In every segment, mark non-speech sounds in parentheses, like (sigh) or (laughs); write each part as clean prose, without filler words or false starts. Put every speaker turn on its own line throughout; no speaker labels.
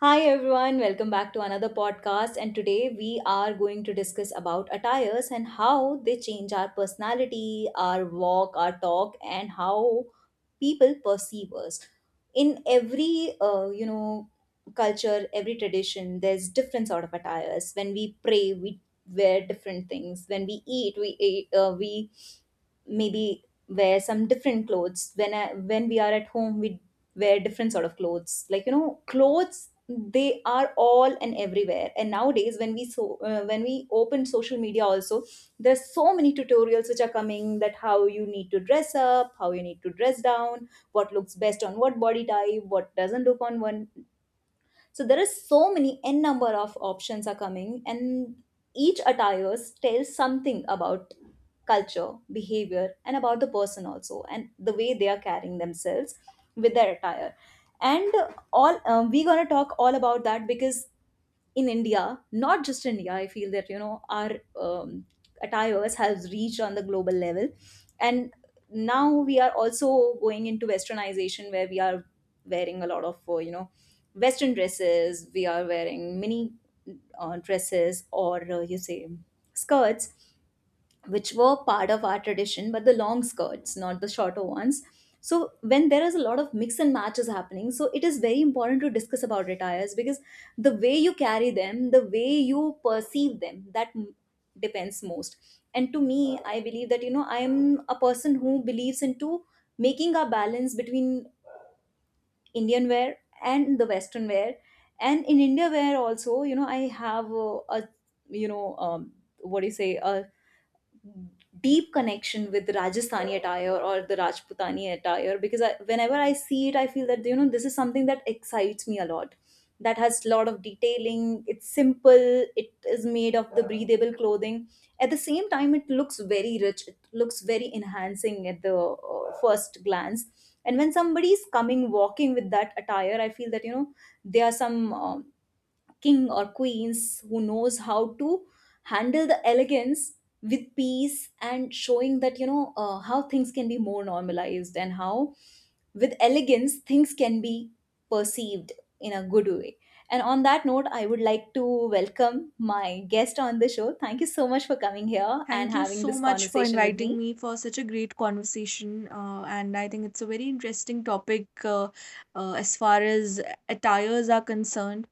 Hi everyone, welcome back to another podcast, and today we are going to discuss about attires and how they change our personality, our walk, our talk and how people perceive us. In every culture, every tradition, there's different sort of attires. When we pray, we wear different things. When we eat, we maybe wear some different clothes. When we are at home, we wear different sort of clothes, like you know, clothes, they are all and everywhere. And nowadays when we when we open social media also, there's so many tutorials which are coming, that how you need to dress up, how you need to dress down, what looks best on what body type, what doesn't look on one. So there is so many n number of options are coming, and each attires tells something about culture, behavior, and about the person also, and the way they are carrying themselves with their attire. And all We're going to talk all about that because in India, not just India, I feel that you know, our um, attires has reached on the global level, and now we are also going into westernization, where we are wearing a lot of western dresses. We are wearing mini dresses, or you say skirts, which were part of our tradition, but the long skirts, not the shorter ones. So when there is a lot of mix and matches happening, so it is very important to discuss about attires, because the way you carry them, the way you perceive them, depends most. And to me, I believe that you know, I am a person who believes into making a balance between Indian wear and the Western wear. And in India wear also, you know, I have a you know um, what do you say, a deep connection with Rajasthani attire or the Rajputani attire, because whenever I see it, I feel that you know, this is something that excites me a lot. That has a lot of detailing. It's simple. It is made of the breathable clothing. At the same time, it looks very rich. It looks very enhancing at the first glance. And when somebody is coming walking with that attire, I feel that you know, there are some king or queens who knows how to handle the elegance with peace, and showing that you know, how things can be more normalized, and how with elegance things can be perceived in a good way. And on that note, I would like to welcome my guest on the show. Thank you so much for coming here and
Thank you
having
so
this
much for
conversation with
inviting
me.
me for such a great conversation. And I think it's a very interesting topic as far as attires are concerned.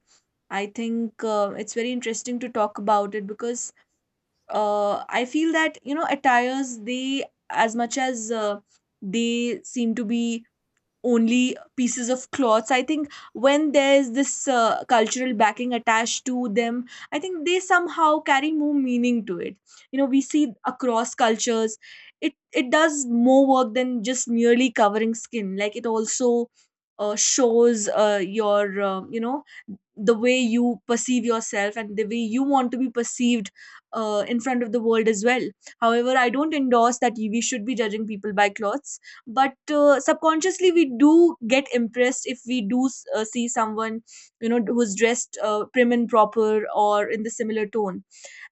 I think it's very interesting to talk about it because I feel that, you know, attires, they, as much as they seem to be only pieces of cloths. I think when there's this cultural backing attached to them, I think they somehow carry more meaning to it. You know, we see across cultures, it does more work than just merely covering skin. Like it also shows your you know the way you perceive yourself and the way you want to be perceived in front of the world as well. However, I don't endorse that we should be judging people by clothes, but subconsciously we do get impressed if we do see someone, you know, who's dressed prim and proper or in the similar tone.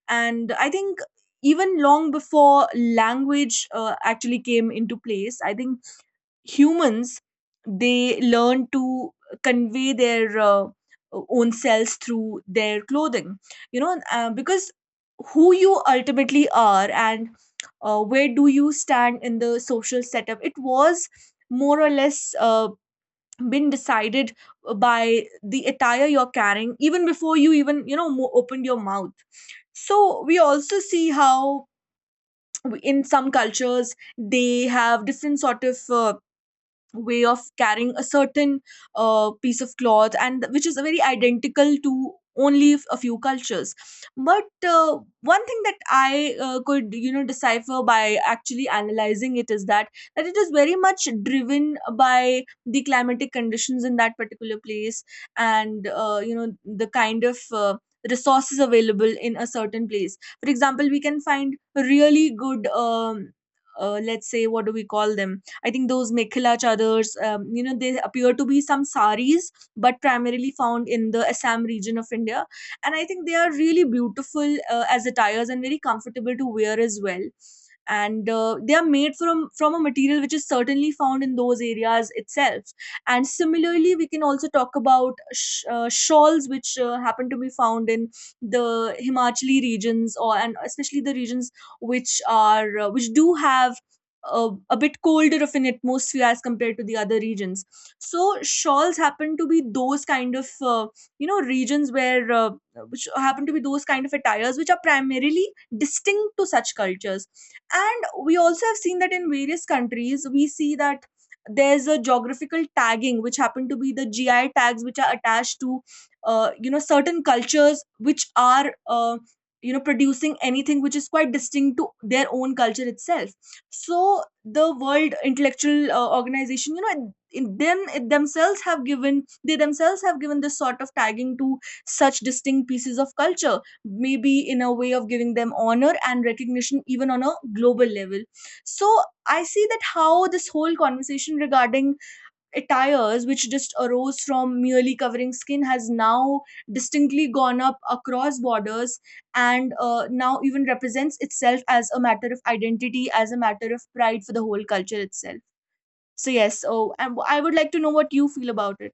And I think even long before language actually came into place, I think humans, they learn to convey their own selves through their clothing. Because who you ultimately are, and where do you stand in the social setup, it was more or less been decided by the attire you're carrying even before you even you know opened your mouth. So we also see how in some cultures they have different sort of way of carrying a certain piece of cloth, and which is very identical to only a few cultures. But one thing that I could, you know, decipher by actually analyzing it is that it is very much driven by the climatic conditions in that particular place. And you know, the kind of resources available in a certain place. For example, we can find really good let's say, what do we call them, I think those mekhela chadors, you know, they appear to be some saris, but primarily found in the Assam region of India. And I think they are really beautiful as attires and very comfortable to wear as well. And they are made from a material which is certainly found in those areas itself. And similarly, we can also talk about shawls, which happen to be found in the Himachali regions, or and especially the regions which are which do have a bit colder of an atmosphere as compared to the other regions. So shawls happen to be those kind of you know regions where which happen to be those kind of attires which are primarily distinct to such cultures. And we also have seen that in various countries we see that there's a geographical tagging which happen to be the GI tags which are attached to you know certain cultures which are you know producing anything which is quite distinct to their own culture itself. So the world intellectual organization, you know in them it themselves have given they themselves have given this sort of tagging to such distinct pieces of culture, maybe in a way of giving them honor and recognition even on a global level. So I see that how this whole conversation regarding attires, which just arose from merely covering skin, has now distinctly gone up across borders. And now even represents itself as a matter of identity, as a matter of pride for the whole culture itself. So yes, so and I would like to know what you feel about it.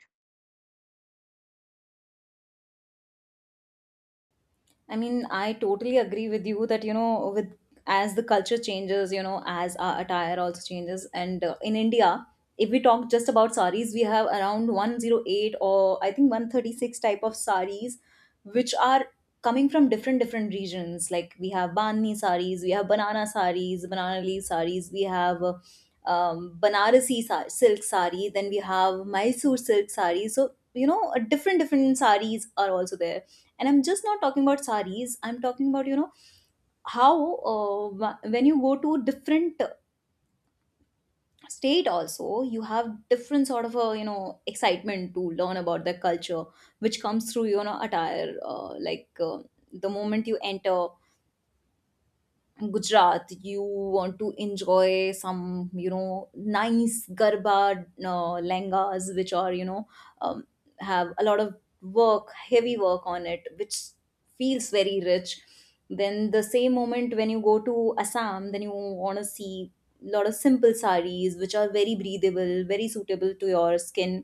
I mean, I totally agree with you that, you know, with as the culture changes, you know, as our attire also changes. And in India, if we talk just about saris, we have around 108 or I think 136 type of saris, which are coming from different, different regions. Like we have Bani saris, we have banana saris, banana leaf saris, we have silk sari. Then we have Mysore silk sari. So you know, a different different saris are also there. And I'm just not talking about saris. I'm talking about you know, how when you go to different state also, you have different sort of a, you know, excitement to learn about the culture, which comes through you know, attire, the moment you enter Gujarat, you want to enjoy some, you know, nice garba lengas, which are, you know, um, have a lot of work, heavy work on it, which feels very rich. Then the same moment when you go to Assam, then you want to see a lot of simple saris, which are very breathable, very suitable to your skin.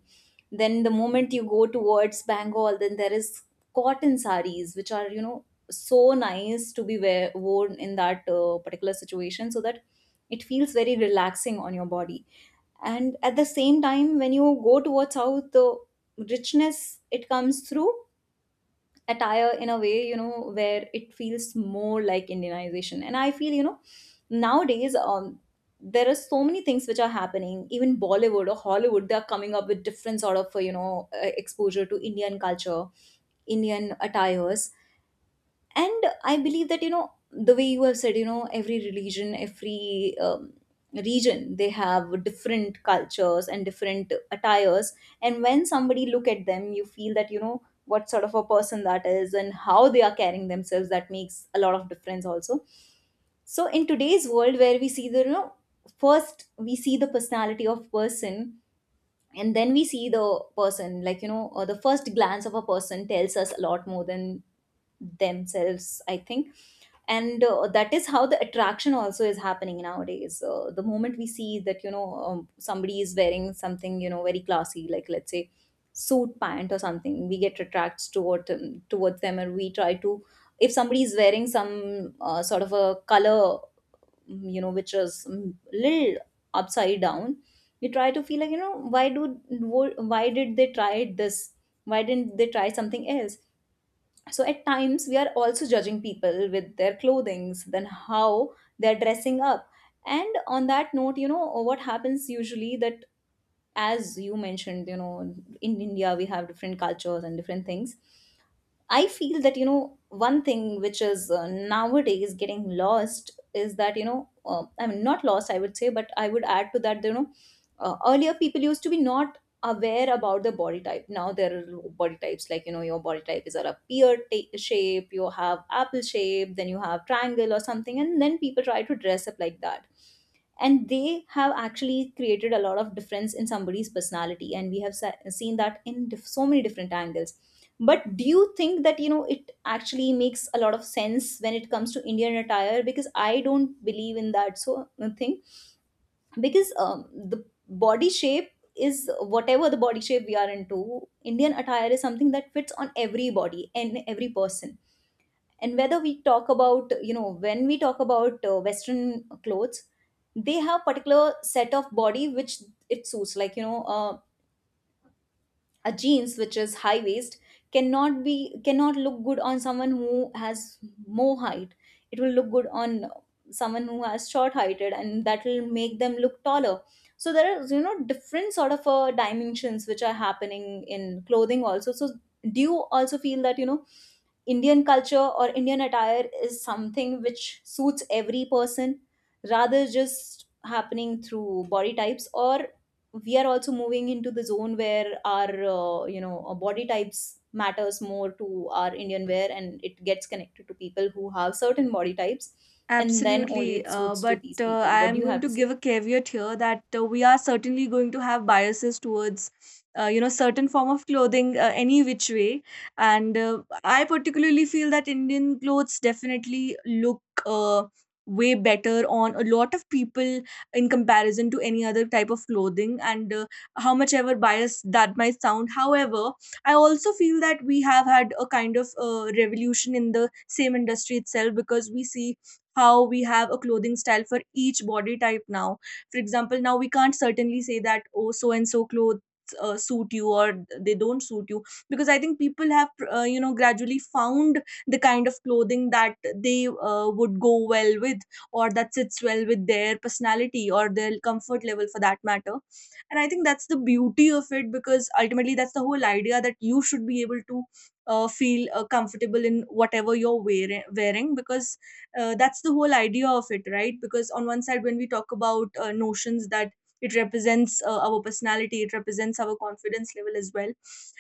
Then the moment you go towards Bengal, then there is cotton saris, which are, you know, so nice to be worn in that particular situation, so that it feels very relaxing on your body. And at the same time when you go towards south, the richness it comes through attire in a way, you know, where it feels more like indianization. And I feel, you know, nowadays, there are so many things which are happening. Even Bollywood or Hollywood, they are coming up with different sort of exposure to Indian culture, Indian attires. And I believe that you know, the way you have said, you know, every religion, every region, they have different cultures and different attires. And when somebody look at them, you feel that you know, what sort of a person that is and how they are carrying themselves, that makes a lot of difference also. So in today's world, where we see the, you know, first we see the personality of person and then we see the person, like, you know, the first glance of a person tells us a lot more than themselves, I think. And that is how the attraction also is happening nowadays. The moment we see that, you know, somebody is wearing something, you know, very classy, like let's say suit pant or something, we get attracted towards them, and we try to, if somebody is wearing some sort of a color, you know, which is little upside down, we try to feel like, you know, why did they try this, why didn't they try something else. So at times we are also judging people with their clothings, then how they're dressing up. And on that note, you know, what happens usually that, as you mentioned, you know, in India we have different cultures and different things. I feel that, you know, one thing which is nowadays getting lost is that, you know, I mean, not lost, I would say, but I would add to that, you know, earlier people used to be not aware about the body type. Now there are body types, like, you know, your body type is a pear shape, you have apple shape, then you have triangle or something, and then people try to dress up like that, and they have actually created a lot of difference in somebody's personality, and we have seen that in so many different angles. But do you think that, you know, it actually makes a lot of sense when it comes to Indian attire? Because I don't believe in that thing. Because the body shape is, whatever the body shape we are into, Indian attire is something that fits on every body and every person. And whether we talk about, you know, when we talk about western clothes, they have particular set of body which it suits. Like, you know, a jeans which is high waist cannot look good on someone who has more height. It will look good on someone who has short heighted, and that will make them look taller. So there is, you know, different sort of dimensions which are happening in clothing also. So do you also feel that, you know, Indian culture or Indian attire is something which suits every person, rather just happening through body types? Or we are also moving into the zone where our body types matters more to our Indian wear, and it gets connected to people who have certain body types, and then only
Absolutely.
it
Uh,
suits to
but
these
uh,
people?
I
What do
am
you
going
have
to
to
give
say?
a caveat here that we are certainly going to have biases towards, you know, certain form of clothing, any which way. And I particularly feel that Indian clothes definitely look way better on a lot of people in comparison to any other type of clothing. And how much ever biased that might sound, however, I also feel that we have had a kind of revolution in the same industry itself, because we see how we have a clothing style for each body type now. For example, now we can't certainly say that, oh, so and so clothes suit you or they don't suit you, because I think people have, you know, gradually found the kind of clothing that they would go well with, or that sits well with their personality or their comfort level for that matter. And I think that's the beauty of it, because ultimately that's the whole idea, that you should be able to feel comfortable in whatever you're wearing, because that's the whole idea of it, right? Because on one side when we talk about notions that it represents our personality, it represents our confidence level as well.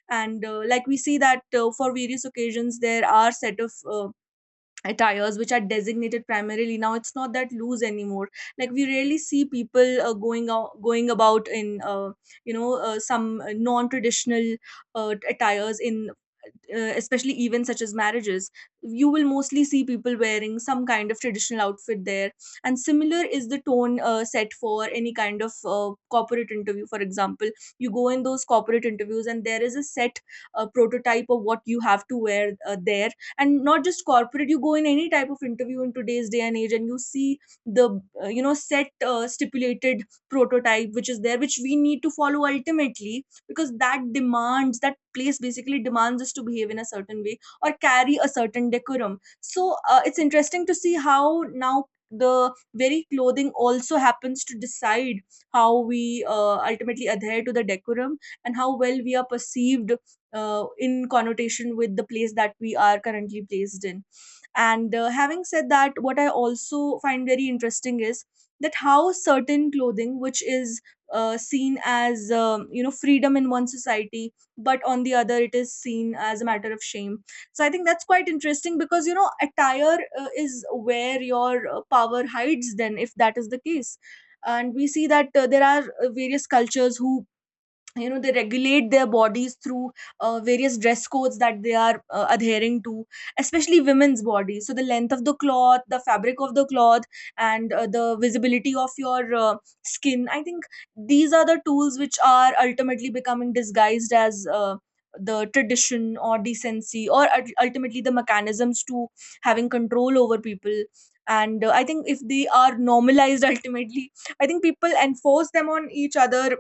And like we see that for various occasions there are set of attires which are designated primarily. Now it's not that loose anymore. Like we rarely see people going about in you know some non traditional attires in especially events such as marriages. You will mostly see people wearing some kind of traditional outfit there. And similar is the tone set for any kind of corporate interview. For example, you go in those corporate interviews and there is a set prototype of what you have to wear there. And not just corporate, you go in any type of interview in today's day and age, and you see the you know set stipulated prototype which is there, which we need to follow ultimately, because that demands, that place basically demands us to behave in a certain way or carry a certain decorum. So it's interesting to see how now the very clothing also happens to decide how we ultimately adhere to the decorum and how well we are perceived in connotation with the place that we are currently placed in. And having said that, what I also find very interesting is that how certain clothing which is seen as you know freedom in one society, but on the other it is seen as a matter of shame. So I think that's quite interesting, because you know attire is where your power hides, then if that is the case. And we see that there are various cultures who you know they regulate their bodies through various dress codes that they are adhering to, especially women's bodies. So the length of the cloth, the fabric of the cloth, and the visibility of your skin, I think these are the tools which are ultimately becoming disguised as the tradition or decency, or ultimately the mechanisms to having control over people. And I think if they are normalized (laughs) ultimately, I think people enforce them on each other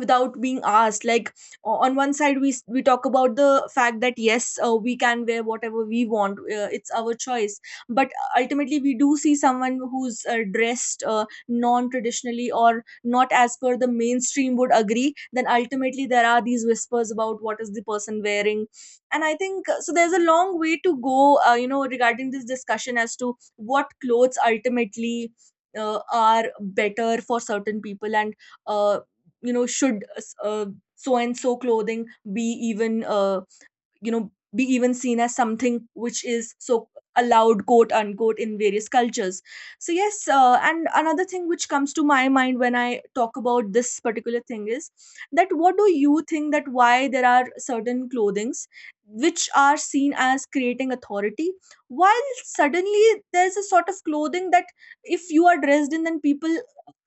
without being asked. Like on one side we talk about the fact that yes, we can wear whatever we want, it's our choice. But ultimately we do see someone who's dressed non traditionally or not as per the mainstream would agree, then ultimately there are these whispers about what is the person wearing. And I think so there's a long way to go you know regarding this discussion as to what clothes ultimately are better for certain people, and uh, you know should uh, so and so clothing be even you know be even seen as something which is so allowed, quote unquote, in various cultures. So yes, and another thing which comes to my mind when I talk about this particular thing is that, what do you think that why there are certain clothings which are seen as creating authority, while suddenly there's a sort of clothing that if you are dressed in, then people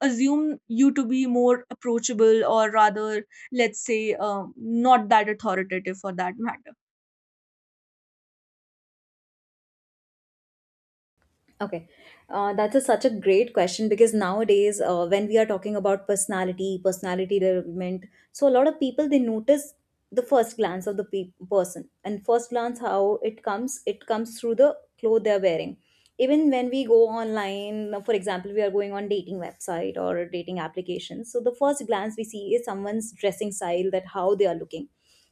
assume you to be more approachable, or rather, let's say, not that authoritative for that matter.
Okay, that's such a great question, because nowadays, when we are talking about personality, personality development, so a lot of people they notice the first glance of the person, and first glance how it comes through the clothes they're wearing. Even when we go online, for example, we are going on dating website or dating applications. So the first glance we see is someone's dressing style, that how they are looking,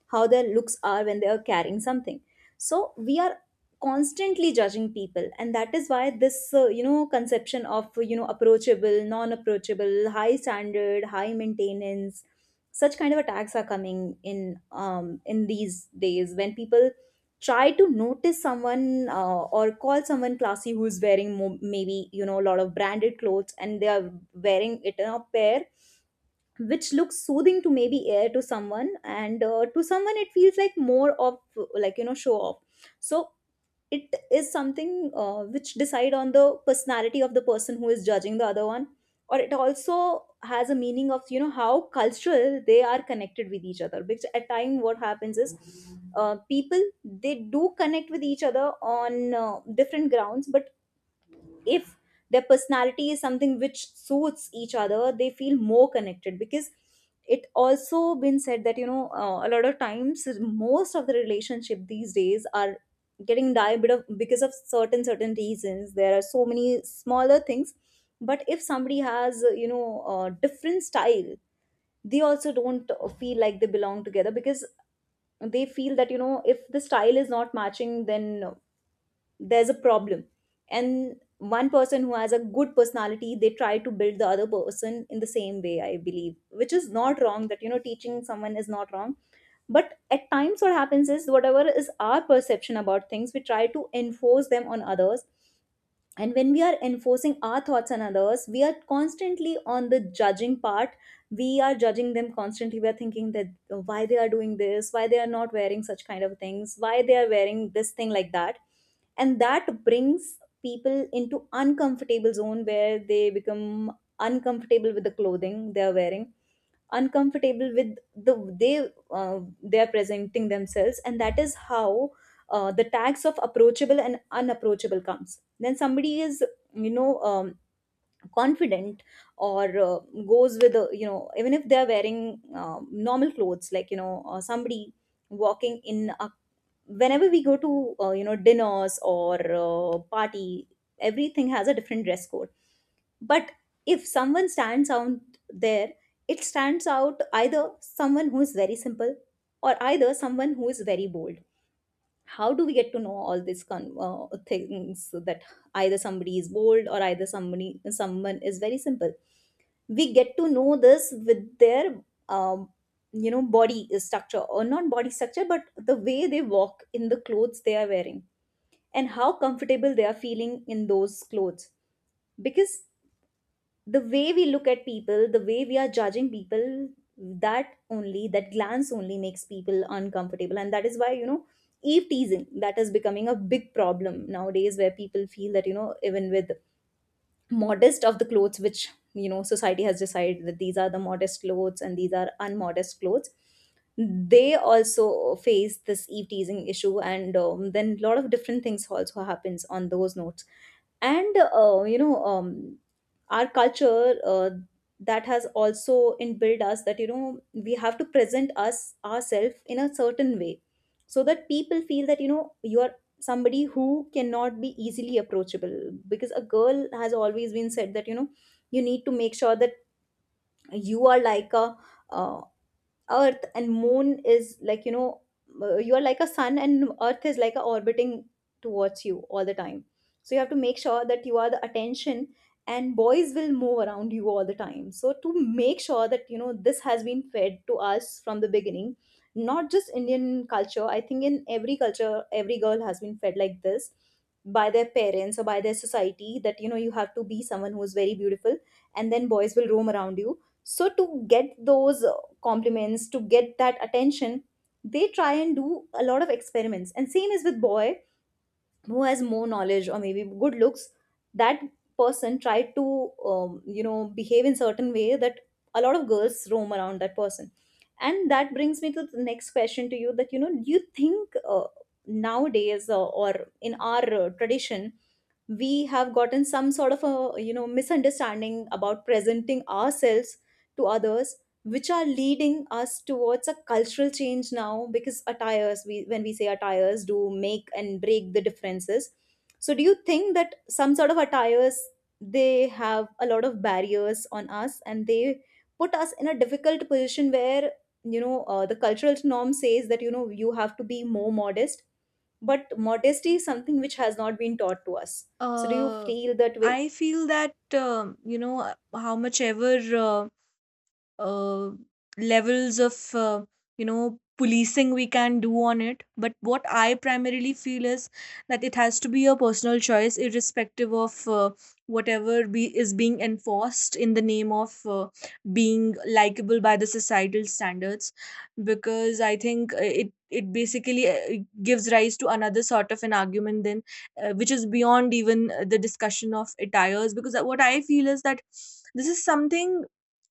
how their looks are when they are carrying something. So we are constantly judging people, and that is why this conception of approachable, non approachable, high standard, high maintenance, such kind of attacks are coming in these days when people try to notice someone, or call someone classy who's wearing maybe a lot of branded clothes, and they are wearing it in a pair which looks soothing to maybe air to someone, and to someone it feels like more of like show off. So it is something which decide on the personality of the person who is judging the other one, or it also has a meaning of how cultural they are connected with each other, because at time what happens is people, they do connect with each other on different grounds. But if their personality is something which suits each other, they feel more connected, because it also been said that a lot of times, most of the relationship these days are getting die bit of because of certain reasons. There are so many smaller things, but if somebody has, a different style, they also don't feel like they belong together, because they feel that if the style is not matching, then there's a problem. And one person who has a good personality, they try to build the other person in the same way, I believe, which is not wrong, that teaching someone is not wrong. But at times, what happens is whatever is our perception about things, we try to enforce them on others. And when we are enforcing our thoughts on others, we are constantly on the judging part. We are judging them constantly. We are thinking that, why they are doing this, why they are not wearing such kind of things, why they are wearing this thing, like that. And that brings people into uncomfortable zone where they become uncomfortable with the clothing they are wearing, uncomfortable with the they uh, they are presenting themselves. And that is how the tags of approachable and unapproachable comes. Then somebody is you know um, confident, or goes with a, even if they're wearing normal clothes, like somebody walking in a, whenever we go to you know dinners, or party, everything has a different dress code. But if someone stands out there, it stands out either someone who is very simple, or either someone who is very bold. How do we get to know all these things, that either somebody is bold or either somebody someone is very simple? We get to know this with their um, body structure, or not body structure, but the way they walk in the clothes they are wearing, and how comfortable they are feeling in those clothes. Because the way we look at people, the way we are judging people, that only, that glance only makes people uncomfortable. And that is why eve teasing, that is becoming a big problem nowadays, where people feel that even with modest of the clothes, which society has decided that these are the modest clothes and these are unmodest clothes, they also face this eve teasing issue. And then a lot of different things also happens on those notes. And our culture, that has also inbuilt us that we have to present us ourselves in a certain way, so that people feel that you are somebody who cannot be easily approachable. Because a girl has always been said that you need to make sure that you are like a, uh, earth and moon is like you are like a sun and earth is like a orbiting towards you all the time. So you have to make sure that you are the attention, and boys will move around you all the time. So to make sure that this has been fed to us from the beginning. Not just Indian culture, I think in every culture, every girl has been fed like this by their parents or by their society, that you have to be someone who is very beautiful, and then boys will roam around you. So to get those compliments, to get that attention, they try and do a lot of experiments. And same is with boy who has more knowledge or maybe good looks, that person tried to behave in certain way that a lot of girls roam around that person. And that brings me to the next question to you, that do you think, nowadays, or in our tradition, we have gotten some sort of a misunderstanding about presenting ourselves to others, which are leading us towards a cultural change now, because attires, we, when we say attires, do make and break the differences. So do you think that some sort of attires, they have a lot of barriers on us, and they put us in a difficult position where the cultural norm says that you have to be more modest, but modesty is something which has not been taught to us? So do you
Uh,
feel that way?
I feel that you know how much ever uh, levels of you know policing we can do on it, but what I primarily feel is that it has to be a personal choice irrespective of whatever be is being enforced in the name of being likable by the societal standards. Because I think it basically gives rise to another sort of an argument then, which is beyond even the discussion of attires. Because what I feel is that this is something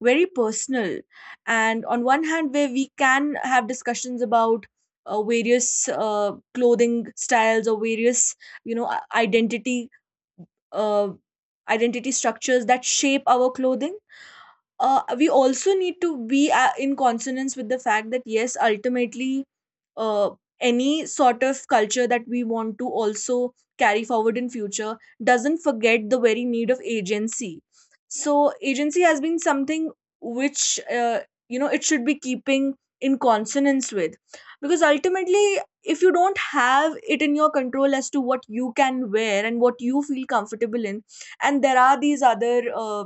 very personal. And on one hand where we can have discussions about various clothing styles or various you know identity uh, identity structures that shape our clothing, we also need to be in consonance with the fact that yes ultimately uh, any sort of culture that we want to also carry forward in future doesn't forget the very need of agency. So agency has been something which it should be keeping in consonance with, because ultimately if you don't have it in your control as to what you can wear and what you feel comfortable in, and there are these other uh,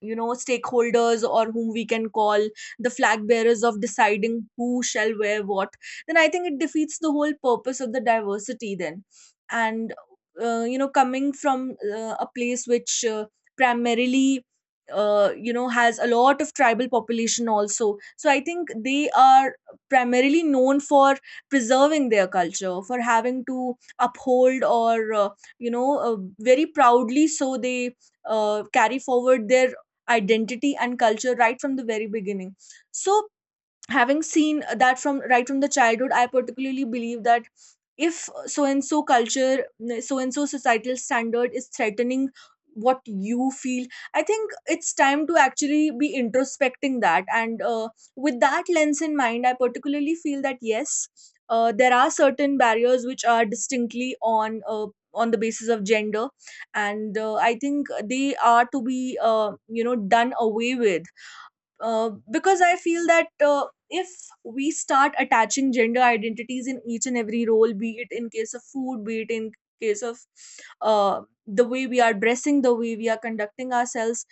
you know, stakeholders or whom we can call the flag bearers of deciding who shall wear what, then I think it defeats the whole purpose of the diversity then. And, coming from a place which primarily, has a lot of tribal population also, so I think they are primarily known for preserving their culture, for having to uphold, or very proudly so they carry forward their identity and culture right from the very beginning. So having seen that from right from the childhood, I particularly believe that if so and so culture, so and so societal standard is threatening what you feel, I think it's time to actually be introspecting that. And with that lens in mind, I particularly feel that yes, there are certain barriers which are distinctly on the basis of gender, and I think they are to be, done away with, because I feel that if we start attaching gender identities in each and every role, be it in case of food, be it in case of the way we are dressing, the way we are conducting ourselves,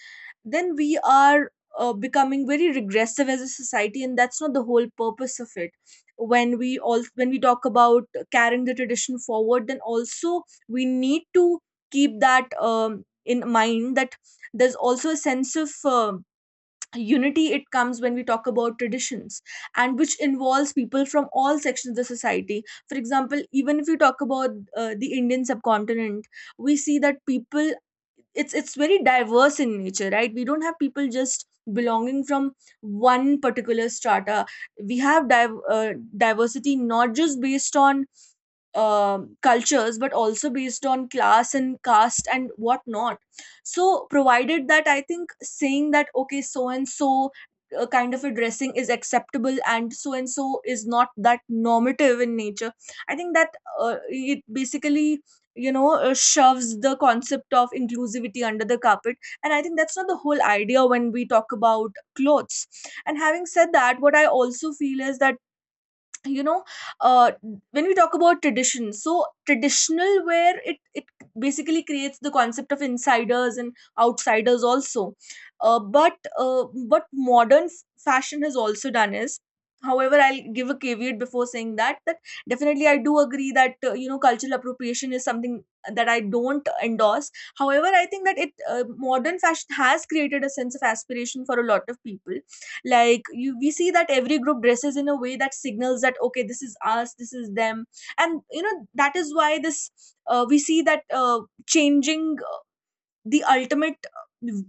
then we are becoming very regressive as a society, and that's not the whole purpose of it. When we talk about carrying the tradition forward, then also we need to keep that in mind that there's also a sense of unity it comes when we talk about traditions, and which involves people from all sections of the society. For example, even if you talk about the Indian subcontinent, we see that people, it's very diverse in nature, right? We don't have people just belonging from one particular strata. We have diversity not just based on cultures, but also based on class and caste and whatnot. So provided that, I think saying that okay, so and so kind of a dressing is acceptable and so is not, that normative in nature, I think that it basically shoves the concept of inclusivity under the carpet, and I think that's not the whole idea when we talk about clothes. And having said that, what I also feel is that, you know uh, when we talk about tradition, so traditional, where it basically creates the concept of insiders and outsiders also. But what modern fashion has also done is, however, I'll give a caveat before saying that, that definitely I do agree that cultural appropriation is something that I don't endorse. However, I think that it modern fashion has created a sense of aspiration for a lot of people. Like, you, we see that every group dresses in a way that signals that okay, this is us, this is them. And you know that is why this we see that changing the ultimate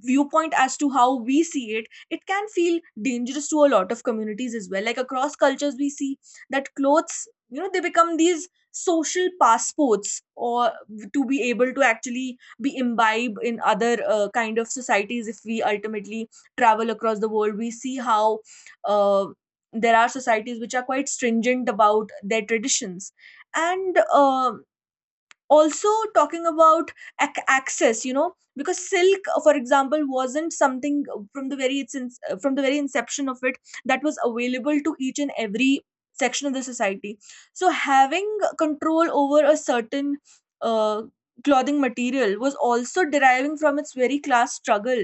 viewpoint as to how we see it, it can feel dangerous to a lot of communities as well. Like across cultures we see that clothes, you know, they become these social passports, or to be able to actually be imbibe in other kind of societies. If we ultimately travel across the world, we see how uh, there are societies which are quite stringent about their traditions. And um, also, talking about access, you know, because silk, for example, wasn't something from the very from the very inception of it, that was available to each and every section of the society. So having control over a certain uh, clothing material was also deriving from its very class struggle,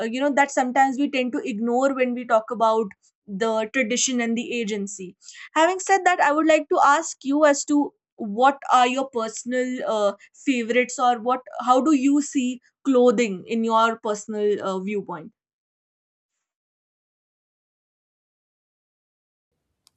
that sometimes we tend to ignore when we talk about the tradition and the agency. Having said that, I would like to ask you as to what are your personal favorites, or what, how do you see clothing in your personal viewpoint?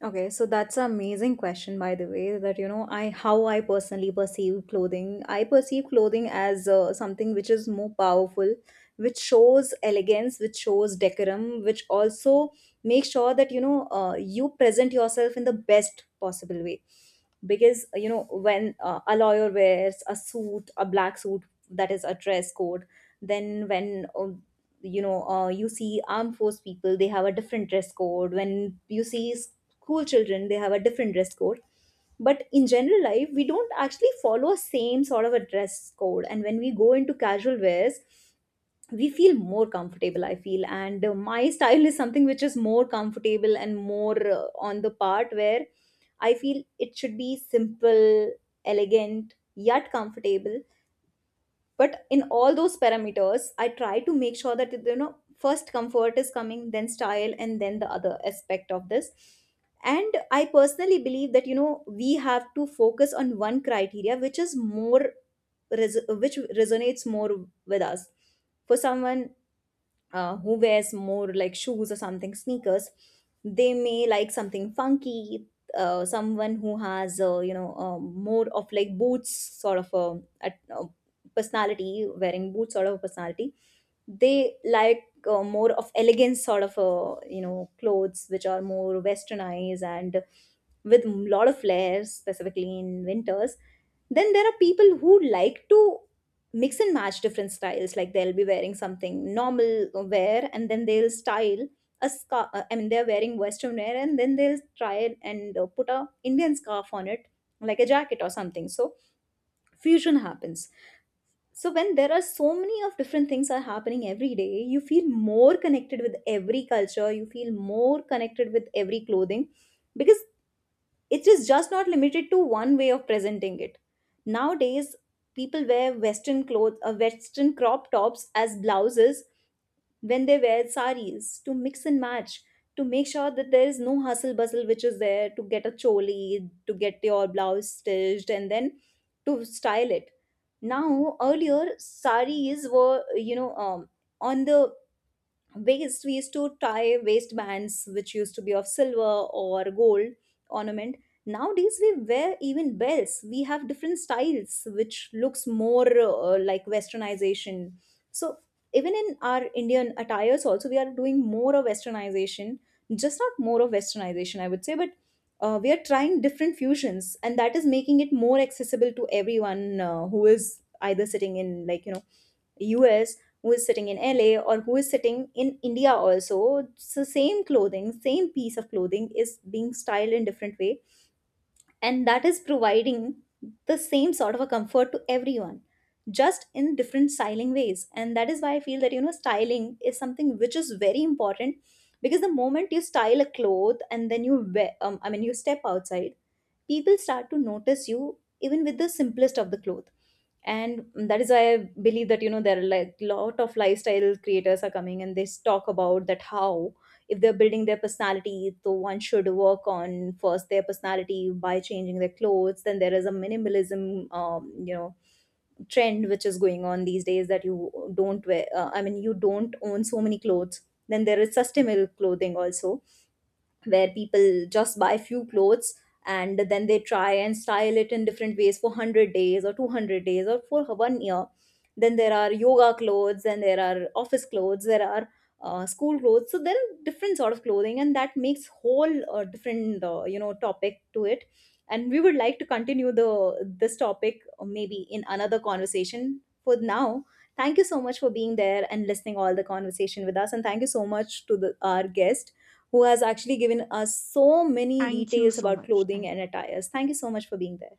Okay, so that's an amazing question, by the way, that I how I personally perceive clothing. I perceive clothing as something which is more powerful, which shows elegance, which shows decorum, which also makes sure that you present yourself in the best possible way. Because when a lawyer wears a suit, a black suit, that is a dress code. Then when you see armed force people, they have a different dress code. When you see cool children, they have a different dress code. But in general life, we don't actually follow same sort of a dress code, and when we go into casual wears, we feel more comfortable, I feel. And my (laughs) style is something which is more comfortable and more, on the part where I feel it should be simple, elegant, yet comfortable. But in all those parameters, I try to make sure that first comfort is coming, then style, and then the other aspect of this. And I personally believe that we have to focus on one criteria which is more, which resonates more with us. For someone who wears more like shoes or something, sneakers, they may like something funky. Someone who has, more of like boots, sort of a, a, a personality, wearing boots sort of a personality, they like more of elegance, sort of clothes which are more westernized, and with a lot of layers, specifically in winters. Then there are people who like to mix and match different styles, like they'll be wearing something normal wear and then they'll style a scarf, I mean, they're wearing western wear and then they'll try it and put a indian scarf on it, like a jacket or something. So fusion happens. So when there are so many of different things are happening every day, you feel more connected with every culture, you feel more connected with every clothing, because it is just not limited to one way of presenting it. Nowadays, people wear western clothes or western crop tops as blouses when they wear saris to mix and match, to make sure that there is no hustle bustle which is there to get a choli, to get your blouse stitched, and then to style it. Now earlier saris were, on the waist, we used to tie waistbands which used to be of silver or gold ornament. Nowadays we wear even belts, we have different styles which looks more like westernization. So even in our indian attires also, we are doing more of westernization. Just not more of westernization, I would say, but we are trying different fusions, and that is making it more accessible to everyone, who is either sitting in, like US, who is sitting in LA, or who is sitting in India also. It's the same clothing, same piece of clothing is being styled in different way, and that is providing the same sort of a comfort to everyone, just in different styling ways. And that is why I feel that styling is something which is very important. Because the moment you style a cloth and then you wear, I mean, you step outside, people start to notice you even with the simplest of the cloth. And that is why I believe that there are, like, lot of lifestyle creators are coming, and they talk about that how if they're building their personality, so one should work on first their personality by changing their clothes. Then there is a minimalism trend which is going on these days, that you don't wear, I mean, you don't own so many clothes. Then there is sustainable clothing also, where people just buy few clothes, and then they try and style it in different ways for 100 days or 200 days or for one year. Then there are yoga clothes, and there are office clothes, there are school clothes. So there are different sort of clothing, and that makes whole different topic to it. And we would like to continue the this topic, maybe in another conversation. For now, thank you so much for being there and listening all the conversation with us, and thank you so much to our guest who has actually given us so many
Thank you
details
so
about
much,
clothing
thank
and attires. Thank you so much for being there.